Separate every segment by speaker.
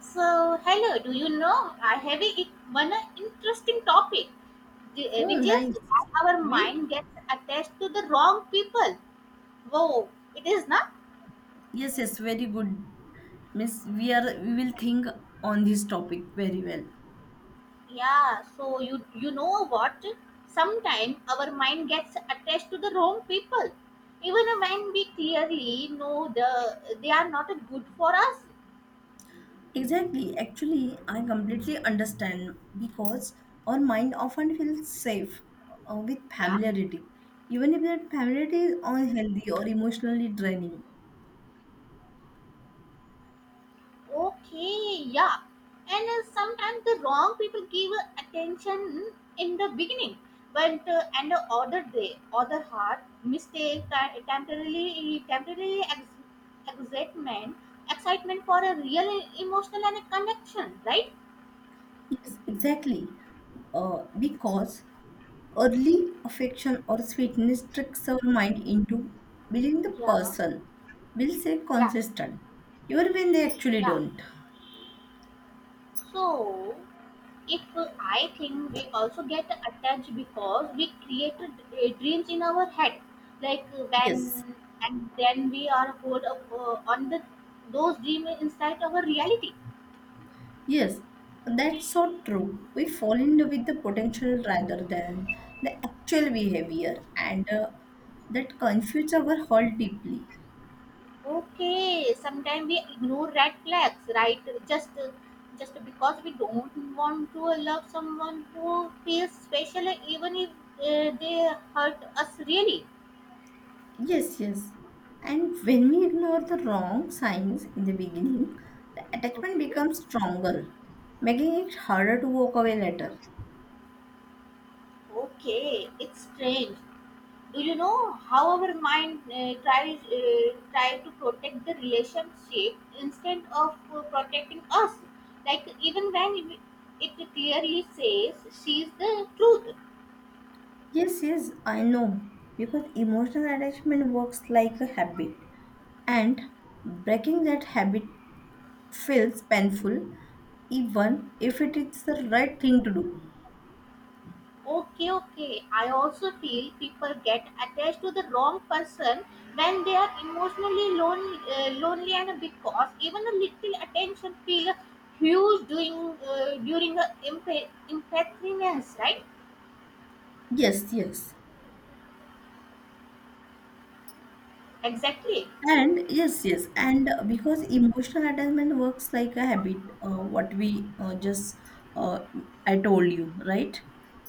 Speaker 1: So, hello, do you know? I have one interesting topic,
Speaker 2: Oh,
Speaker 1: which is
Speaker 2: nice.
Speaker 1: why our
Speaker 2: Wait.
Speaker 1: mind gets attached to the wrong people. Whoa, it is not?
Speaker 2: Yes, yes, very good, Miss. We will think on this topic very well.
Speaker 1: Yeah, so you know what? Sometimes our mind gets attached to the wrong people. Even when we clearly know they are not good for us.
Speaker 2: Exactly. Actually, I completely understand because our mind often feels safe with
Speaker 1: Yeah,
Speaker 2: familiarity, even if that familiarity is unhealthy or emotionally draining.
Speaker 1: okay, yeah. And sometimes the wrong people give attention in the beginning, but and the other day, other heart mistake, temporarily excitement for a real emotional and a connection, right?
Speaker 2: Yes, exactly. Because early affection or sweetness tricks our mind into believing the
Speaker 1: Yeah,
Speaker 2: person will say
Speaker 1: yeah,
Speaker 2: consistent, even when they actually
Speaker 1: yeah.
Speaker 2: don't.
Speaker 1: So, it will. I think we also get attached because we created dreams in our head, like when,
Speaker 2: Yes,
Speaker 1: and then we are hold up on the those dreams inside our reality.
Speaker 2: yes, that's so true. We fall in love with the potential rather than the actual behavior, and that confuses our whole deeply.
Speaker 1: Okay, sometimes we ignore red flags, right, just uh, just because we don't want to love someone who feels special, even if they hurt us really.
Speaker 2: Yes, yes. And when we ignore the wrong signs in the beginning, the attachment
Speaker 1: Okay,
Speaker 2: becomes stronger, making it harder to walk away later.
Speaker 1: okay, it's strange. Do you know how our mind tries try to protect the relationship instead of protecting us, like even when it clearly says she's the truth?
Speaker 2: Yes, yes, I know. Because emotional attachment works like a habit, and breaking that habit feels painful, even if it is the right thing to do.
Speaker 1: Okay, okay, I also feel people get attached to the wrong person when they are emotionally lonely and because even a little attention feel huge during a impatience, right?
Speaker 2: Yes, yes.
Speaker 1: Exactly.
Speaker 2: And yes, yes, and because emotional attachment works like a habit, what we just uh, I told you, right?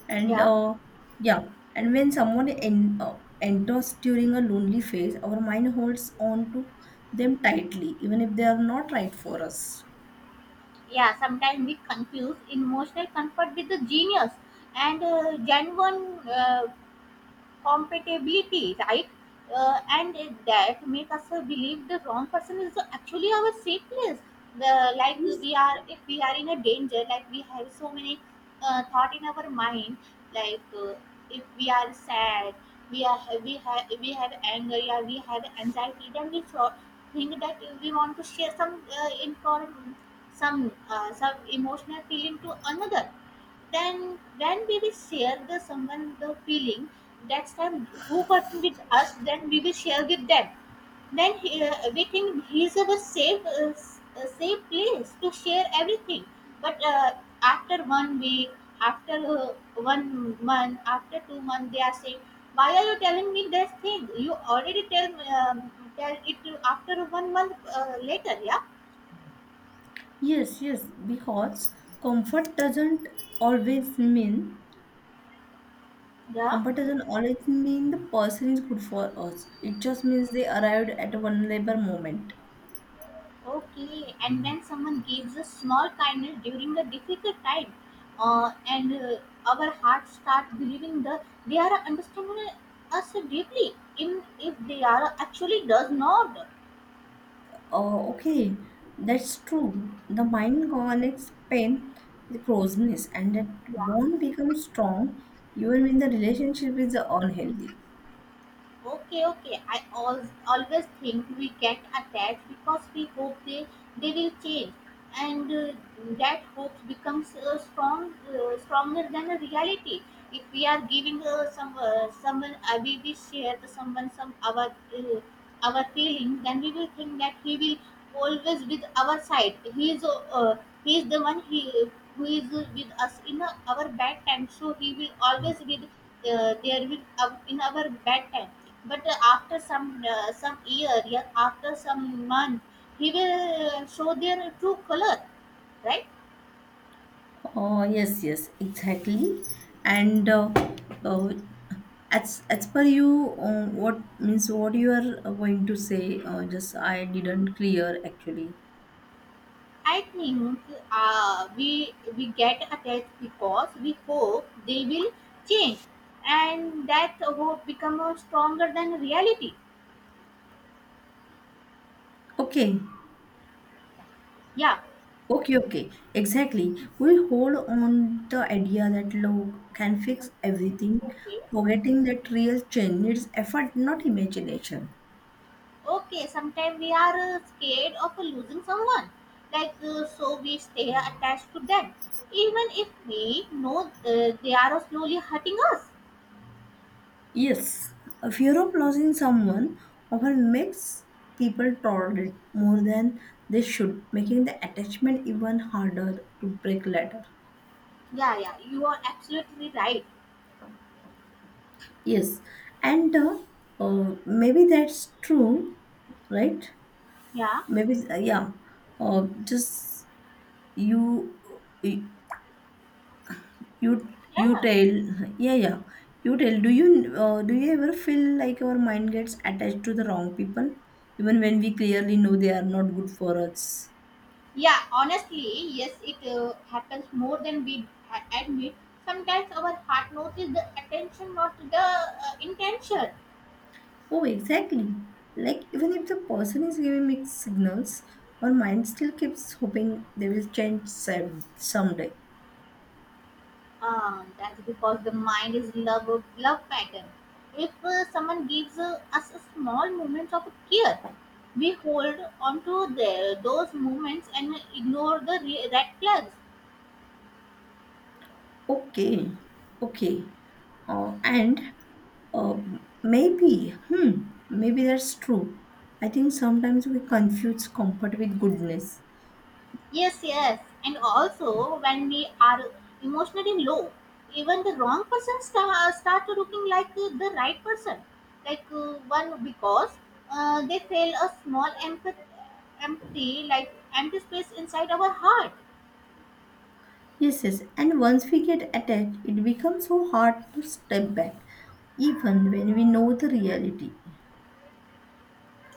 Speaker 2: And
Speaker 1: Yeah,
Speaker 2: yeah, and when someone en enters during a lonely phase, our mind holds on to them tightly, even if they are not right for us.
Speaker 1: yeah, sometimes we confuse emotional comfort with the genius and genuine compatibility, right? And that make us believe the wrong person is actually our sickness. The Like,
Speaker 2: Yes,
Speaker 1: we are, if we are in a danger, like we have so many thought in our mind, like if we are sad, we have anger, yeah, we have anxiety, then we thought think that we want to share some inform some emotional feeling to another, then we will share the someone the feeling, that's time, who person with us, then we will share with them, then we think he's our safe place to share everything, but after one week, after one month, after 2 months they are saying, why are you telling me this thing, you already um, tell it to, after one month later. Yeah,
Speaker 2: yes, yes, because comfort doesn't always mean
Speaker 1: yeah.
Speaker 2: competition always means the person is good for us. It just means they arrived at a vulnerable moment.
Speaker 1: Okay, and when someone gives a small kindness during a difficult time, and our hearts start believing that they are understanding us deeply, even if they are actually does not.
Speaker 2: Oh, okay, that's true. The mind connects pain with closeness, and that bond becomes strong even when the relationship is unhealthy.
Speaker 1: Okay, okay. I always think we get attached because we hope they will change, and that hope becomes stronger than the reality. If we are giving some someone, we share to someone some our feelings, then we will think that he will always with our side. He is the one he who is with us in our bad time, so he will always with there with in our bad time, but after some year, yeah, after some month, he will show their true color, right?
Speaker 2: Oh, yes, yes, exactly. And uh, as per you, what means what you are going to say? Just I didn't clear actually.
Speaker 1: I think we get attached because we hope they will change, and that hope become stronger than reality.
Speaker 2: Okay.
Speaker 1: Yeah.
Speaker 2: Okay, okay, exactly. We hold on the idea that love can fix everything,
Speaker 1: Okay.
Speaker 2: forgetting that real change needs effort, not imagination.
Speaker 1: Okay. Sometimes we are scared of losing someone, like so we stay attached to them, even if we know they are slowly hurting us.
Speaker 2: Yes, a fear of losing someone often makes people tolerate more than they should, making the attachment even harder to break later.
Speaker 1: Yeah, yeah, you are absolutely right.
Speaker 2: Yes, and maybe that's true, right?
Speaker 1: Yeah,
Speaker 2: Maybe yeah. Just you. you you
Speaker 1: yeah,
Speaker 2: tell yeah yeah you tell do you Do you ever feel like our mind gets attached to the wrong people even when we clearly know they are not good for us?
Speaker 1: yeah. Honestly, yes, it happens more than we admit. Sometimes our heart notices the attention, not the intention.
Speaker 2: Oh, exactly, like even if the person is giving mixed signals, our mind still keeps hoping they will change someday.
Speaker 1: That's because the mind is love pattern. If someone gives us a small moments of care, we hold on to those moments and ignore the red flags.
Speaker 2: Okay, okay. uh, and uh, maybe hmm Maybe that's true. I think sometimes we confuse comfort with goodness.
Speaker 1: Yes, yes. And also, when we are emotionally low, even the wrong person start looking like the right person. Like one because they feel a small empty, like empty space inside our heart.
Speaker 2: Yes, yes. And once we get attached, it becomes so hard to step back, even when we know the reality.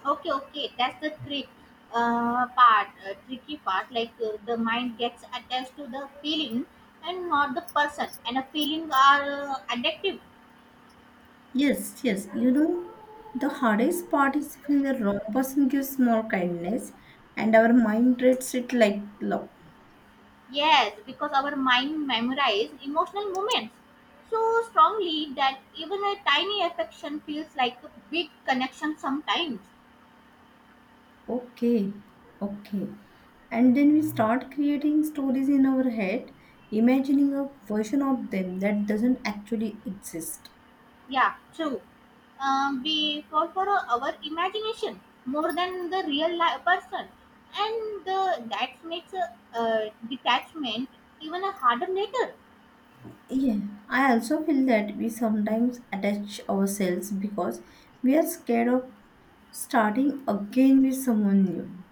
Speaker 1: Okay, okay. That's the tricky part. Like the mind gets attached to the feeling and not the person. And a feeling are addictive.
Speaker 2: Yes, yes. You know, the hardest part is when the wrong person gives more kindness and our mind treats it like love.
Speaker 1: Yes, because our mind memorizes emotional moments so strongly that even a tiny affection feels like a big connection sometimes.
Speaker 2: Okay, okay. And then we start creating stories in our head, imagining a version of them that doesn't actually exist.
Speaker 1: Yeah, true. We fall for our imagination more than the real life person, and that makes a detachment even a harder later.
Speaker 2: Yeah, I also feel that we sometimes attach ourselves because we are scared of starting again with someone new.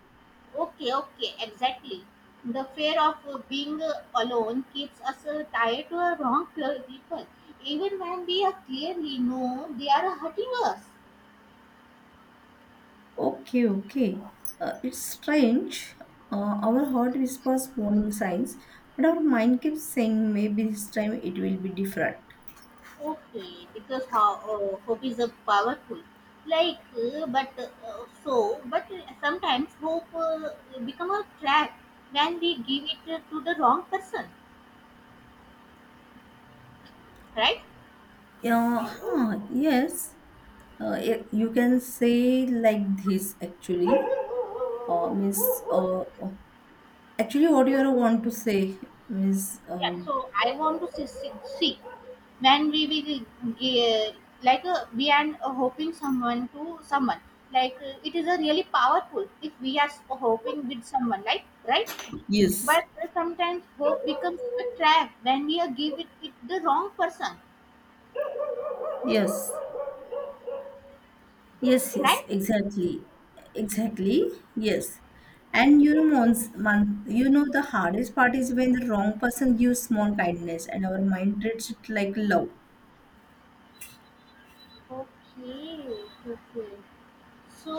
Speaker 1: Okay, okay, exactly. The fear of being alone keeps us tied to a wrong people, even when we are clearly know they are hurting us.
Speaker 2: Okay, okay. It's strange. Our heart whispers warning signs, but our mind keeps saying maybe this time it will be different.
Speaker 1: Okay, because hope is a powerful. Like, but so, but sometimes hope become a trap when we give it to the wrong person, right?
Speaker 2: Yeah, huh, yes. You can say like this actually. Means uh, Actually what you are want to say means
Speaker 1: Yeah. So I want to see, when we will like we are hoping someone to someone, like it is a really powerful if we are hoping with someone, like right,
Speaker 2: yes.
Speaker 1: but sometimes hope becomes a trap when we are give it with the wrong person,
Speaker 2: Yes, yes, yes,
Speaker 1: right.
Speaker 2: exactly, exactly, yes. And you know, you know, the hardest part is when the wrong person gives small kindness and our mind treats it like love.
Speaker 1: Okay, okay, so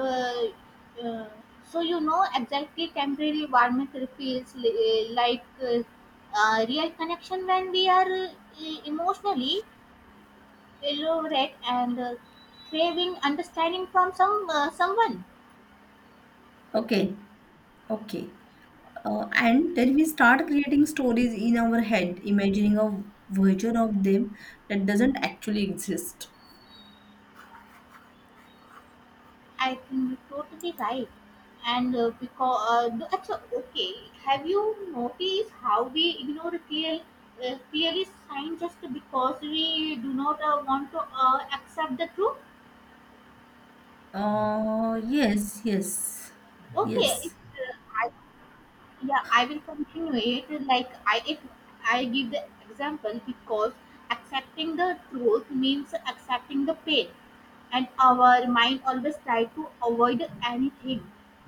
Speaker 1: uh, uh, so exactly, temporary environment feels like real connection when we are emotionally elaborate and craving understanding from someone.
Speaker 2: Okay, okay. And then we start creating stories in our head, imagining a version of them that doesn't actually exist.
Speaker 1: I think you're totally right. And okay, have you noticed how we ignore clearly sign just because we do not want to accept the truth?
Speaker 2: Uh, yes, yes,
Speaker 1: Okay, it's,
Speaker 2: yes,
Speaker 1: I yeah, I will continue it, like I if I give the example, because accepting the truth means accepting the pain, and our mind always try to avoid anything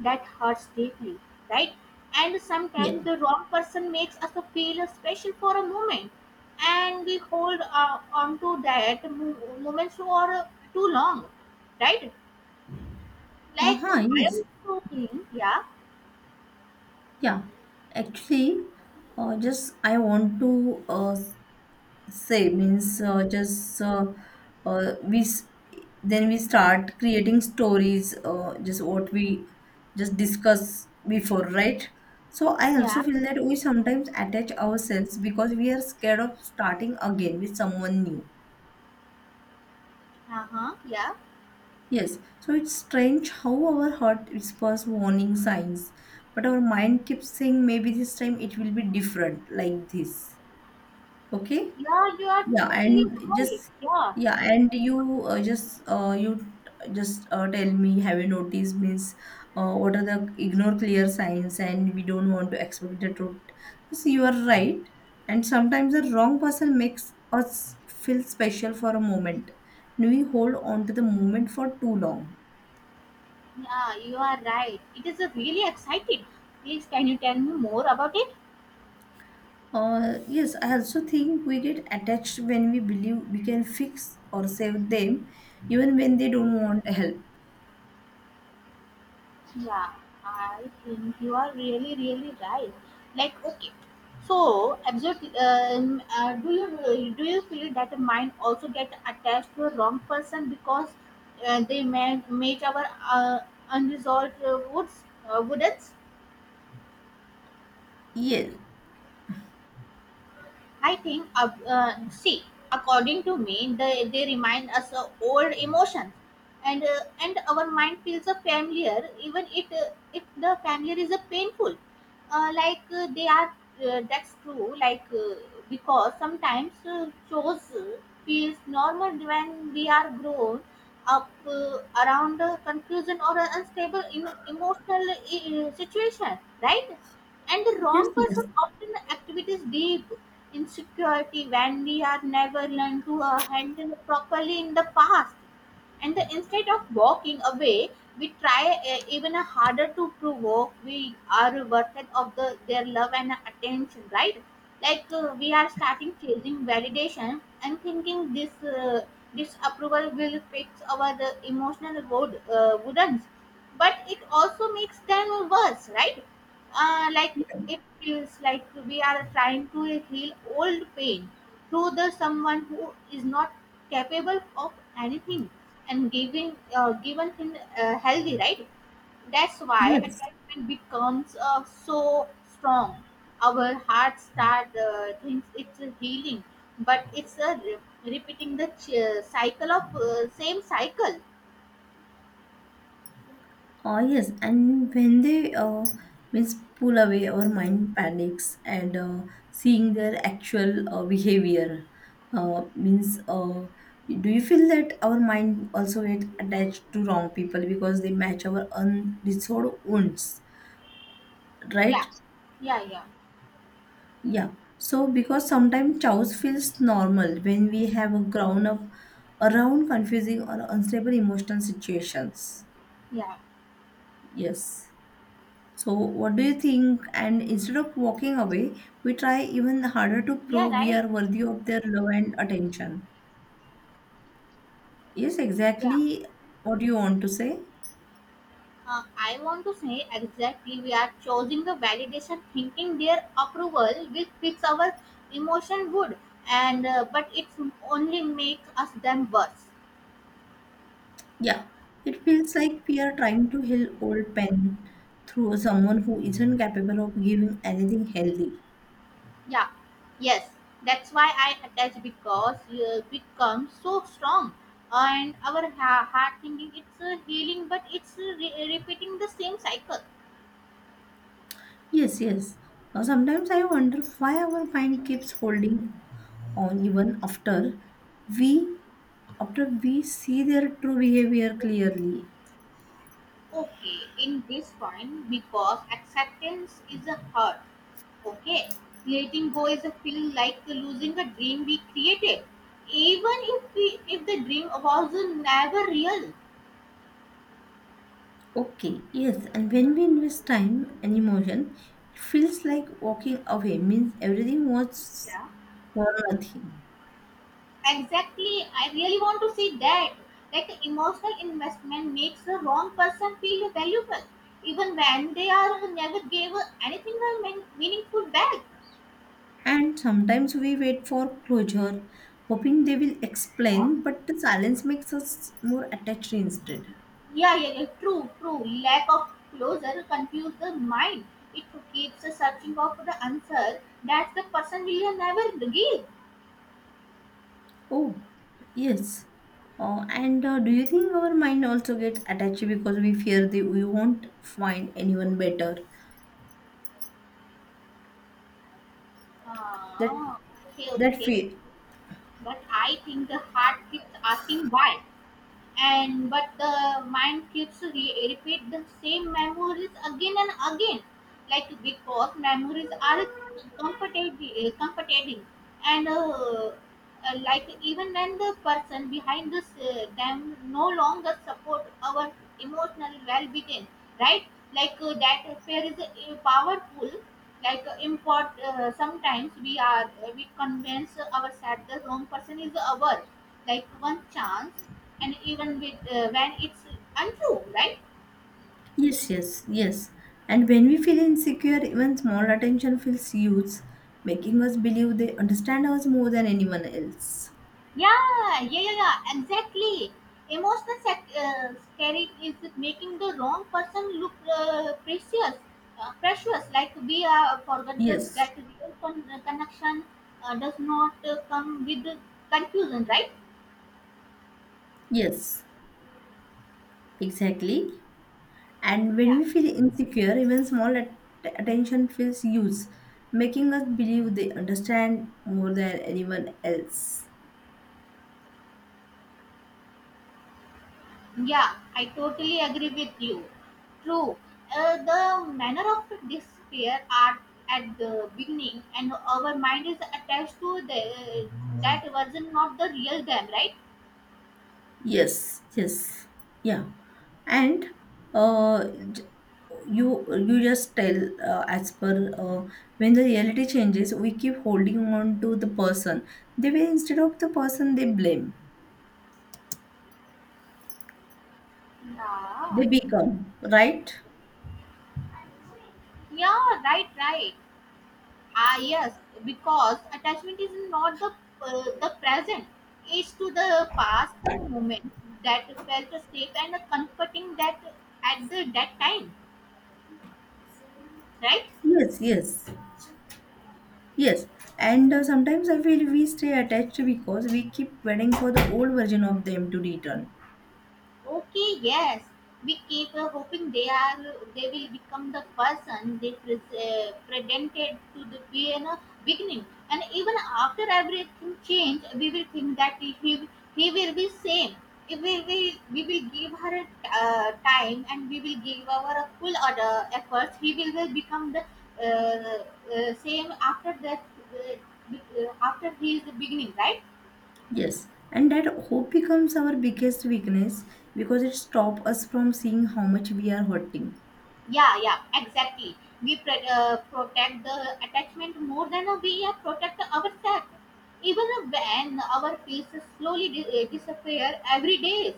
Speaker 1: that hurts deeply, right? And
Speaker 2: yeah.
Speaker 1: sometimes the wrong person makes us feel special for a moment, and we hold on to that moment for too long, right? Like,
Speaker 2: Uh-huh,
Speaker 1: I am
Speaker 2: yes.
Speaker 1: talking. Yeah,
Speaker 2: Yeah, actually, just I want to say means just we s- then we start creating stories. Just what we just discuss before, right? So I also
Speaker 1: yeah,
Speaker 2: feel that we sometimes attach ourselves because we are scared of starting again with someone new.
Speaker 1: uh-huh, yeah.
Speaker 2: Yes, so it's strange how our heart whispers warning signs, but our mind keeps saying maybe this time it will be different, like this. Okay.
Speaker 1: Yeah, you are
Speaker 2: Yeah,
Speaker 1: totally
Speaker 2: and
Speaker 1: right.
Speaker 2: just
Speaker 1: Yeah,
Speaker 2: yeah, and you just you just tell me, have you noticed, means what are the ignore clear signs and we don't want to expect the truth. Yes, you are right, and sometimes the wrong person makes us feel special for a moment, and we hold on to the moment for too long.
Speaker 1: yeah, you are right. It is a really exciting. Please, can you tell me more about it?
Speaker 2: Yes, I also think we get attached when we believe we can fix or save them, even when they don't want help.
Speaker 1: Yeah, I think you are really, really right. Like, okay, so absolutely. Do you feel that the mind also get attached to a wrong person because they may make our unresolved woods woodens?
Speaker 2: Yes,
Speaker 1: I think, see, according to me, they remind us of old emotions, and and our mind feels a familiar, even if the familiar is a painful, like they are that's true. Like, because sometimes shows feels normal when we are grown up around confusion or an unstable emotional situation, right? And the wrong
Speaker 2: yes,
Speaker 1: person
Speaker 2: yes,
Speaker 1: often activities deep insecurity when we are never learned to handle properly in the past, and the instead of walking away, we try even harder to provoke we are worth of the their love and attention, right? Like we are starting chasing validation and thinking this disapproval will fix our emotional road wounds, but it also makes them worse, right? Like,
Speaker 2: yes,
Speaker 1: it feels like we are trying to heal old pain through the someone who is not capable of anything and giving given him healthy, right? That's why
Speaker 2: yes.
Speaker 1: attachment becomes so strong, our heart start thinks it's a healing, but it's a repeating the cycle of same cycle.
Speaker 2: Oh, yes. And when they means pull away, our mind panics and seeing their actual behavior means. Do you feel that our mind also get attached to wrong people because they match our unresolved wounds,
Speaker 1: Yeah,
Speaker 2: right?
Speaker 1: yeah, yeah,
Speaker 2: Yeah. So because sometimes chaos feels normal when we have a ground up around confusing or unstable emotional situations.
Speaker 1: yeah.
Speaker 2: Yes. So, what do you think? And instead of walking away, we try even harder to
Speaker 1: Yeah,
Speaker 2: prove we
Speaker 1: right.
Speaker 2: are worthy of their love and attention. Yes,
Speaker 1: Yeah,
Speaker 2: exactly what you want to say.
Speaker 1: I want to say exactly we are choosing the validation thinking their approval will fix our emotion good, and but it's only make us them worse.
Speaker 2: Yeah, it feels like we are trying to heal old pain through someone who isn't capable of giving anything healthy.
Speaker 1: Yeah, yes, that's why I attach because becomes so strong, and our heart thinking it's healing, but it's repeating the same cycle.
Speaker 2: Yes, yes. Now, sometimes I wonder why our mind keeps holding on even after we we see their true behavior clearly.
Speaker 1: Okay, in this point, because acceptance is a hurt. Okay. Letting go is a feeling like the losing a dream we created, even if the dream was never real.
Speaker 2: Okay, yes, and when we invest time and emotion, it feels like walking away means everything was
Speaker 1: Yeah.
Speaker 2: for nothing.
Speaker 1: Exactly. I really want to say that. Like, the emotional investment makes the wrong person feel valuable, even when they are never gave anything or meaningful back.
Speaker 2: And sometimes we wait for closure, hoping they will
Speaker 1: Yeah.
Speaker 2: explain, but the silence makes us more attached instead.
Speaker 1: Yeah, yeah, yeah, true, true. Lack of closure confuses the mind. It keeps the searching for the answer that the person will never give.
Speaker 2: Oh, yes. And Do you think our mind also gets attached because we fear that we won't find anyone better? That
Speaker 1: Ah, okay,
Speaker 2: that
Speaker 1: okay.
Speaker 2: fear.
Speaker 1: But I think the heart keeps asking why, and but the mind keeps repeat the same memories again and again, like because memories are comfortable comforting, and like even when the person behind this them no longer support our emotional well-being, right? Like that fear is powerful. Like, import sometimes we convince ourselves the wrong person is our, like, one chance, and even with when it's untrue, right?
Speaker 2: Yes, yes, yes. And when we feel insecure, even small attention feels huge, making us believe they understand us more than anyone else.
Speaker 1: Yeah, yeah, yeah, yeah, exactly. Emotional scaring is making the wrong person look precious. Like, we forget
Speaker 2: Yes,
Speaker 1: that real connection does not come with confusion, right?
Speaker 2: yes, exactly. And when
Speaker 1: Yeah.
Speaker 2: we feel insecure, even attention feels huge, making us believe they understand more than anyone else.
Speaker 1: Yeah, I totally agree with you. True. The manner of despair are at the beginning, and our mind is attached to the that wasn't not the real them, right?
Speaker 2: Yes, yes, yeah, and uh, j- you you just tell as per when the reality changes, we keep holding on to the person. They will instead of the person, they blame.
Speaker 1: Yeah.
Speaker 2: They become right.
Speaker 1: Yeah, right, right. Ah, yes, because attachment is not the present. It's to the past moment that felt safe and comforting, that at the that time, right?
Speaker 2: Yes, yes, yes. And sometimes I feel we stay attached because we keep waiting for the old version of them to return.
Speaker 1: Okay, yes. We keep hoping they will become the person they presented to the be in a beginning, and even after everything change, we will think that he will be same. If we will give her a time, and we will give our a full other efforts, he will become the same after that, uh, after he is the beginning, right?
Speaker 2: Yes, and that hope becomes our biggest weakness because it stops us from seeing how much we are hurting.
Speaker 1: Yeah, yeah, exactly. We protect the attachment more than we protect ourselves. Even when our pieces slowly disappear every day.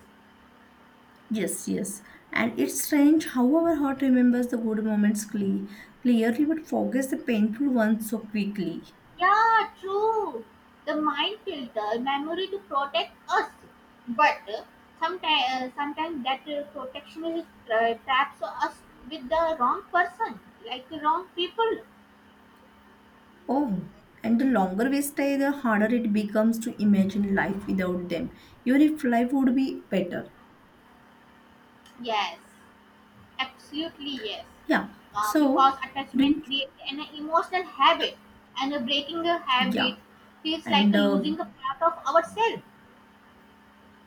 Speaker 2: Yes, yes, and it's strange how our heart remembers the good moments clearly but forgets the painful ones so quickly.
Speaker 1: Yeah, true. The mind filter memory to protect us, but sometimes that protection is traps us with the wrong person, like the wrong people.
Speaker 2: Oh, and the longer we stay, the harder it becomes to imagine life without them, even if life would be better.
Speaker 1: Yes. Absolutely, yes.
Speaker 2: Yeah,
Speaker 1: Uh,
Speaker 2: so
Speaker 1: because
Speaker 2: do
Speaker 1: attachment
Speaker 2: you,
Speaker 1: creates an emotional habit, and breaking a habit
Speaker 2: yeah,
Speaker 1: feels like
Speaker 2: and
Speaker 1: losing a part of ourselves.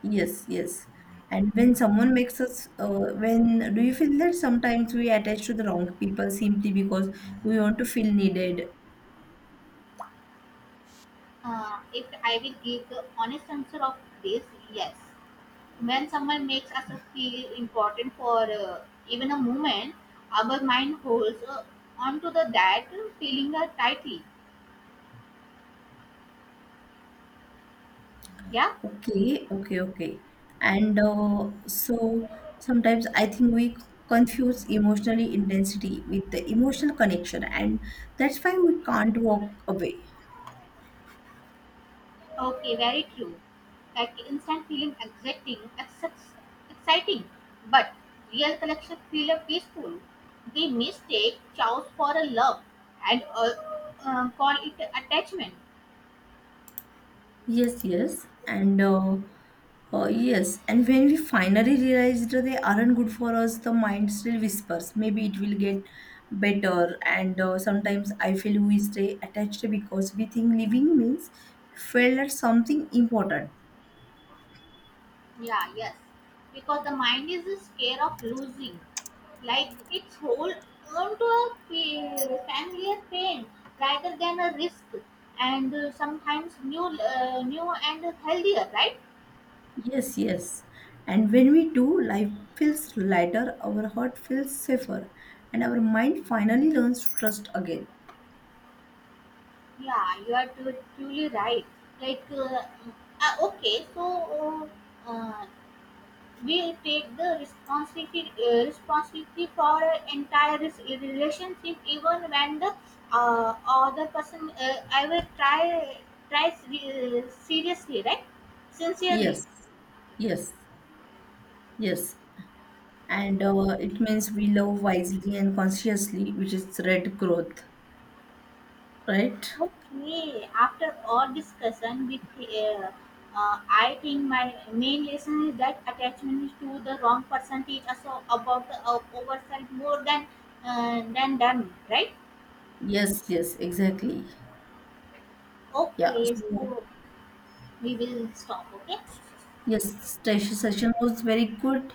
Speaker 2: yes, yes. And when someone makes us, when do you feel that sometimes we attach to the wrong people simply because we want to feel needed?
Speaker 1: If I will give the honest answer of this, yes. When someone makes us feel important for even a moment, our mind holds onto the that feeling tightly. Yeah.
Speaker 2: Okay, okay, okay. And so sometimes I think we confuse emotional intensity with the emotional connection, and that's why we can't walk away.
Speaker 1: Okay, very true. Like, instant feeling exciting, exciting, but real connection feel peaceful. They mistake chows for a love, and call it attachment.
Speaker 2: Yes, yes, and yes, and when we finally realized they aren't good for us, the mind still whispers, maybe it will get better. And sometimes I feel we stay attached because we think living means we failed at something important.
Speaker 1: Yeah, yes, because the mind is scared of losing, like its whole on to a familiar pain rather than a risk, and sometimes new and healthier, right?
Speaker 2: Yes, yes, and when we do, life feels lighter, our heart feels safer, and our mind finally learns to trust again.
Speaker 1: Yeah, you are truly right. Like, okay, so uh, uh, we take the responsibility for an entire relationship, even when the other person I will try tries seriously, right? Sincerely.
Speaker 2: Yes, yes. Yes, and it means we love wisely and consciously, which is red growth, right?
Speaker 1: Okay, after all discussion with I think my main lesson is that attachment to the wrong person is also about the ourselves more than them, right?
Speaker 2: Yes, yes, exactly. Yeah,
Speaker 1: Okay,
Speaker 2: so
Speaker 1: so we will stop. Okay.
Speaker 2: yes, session was very good.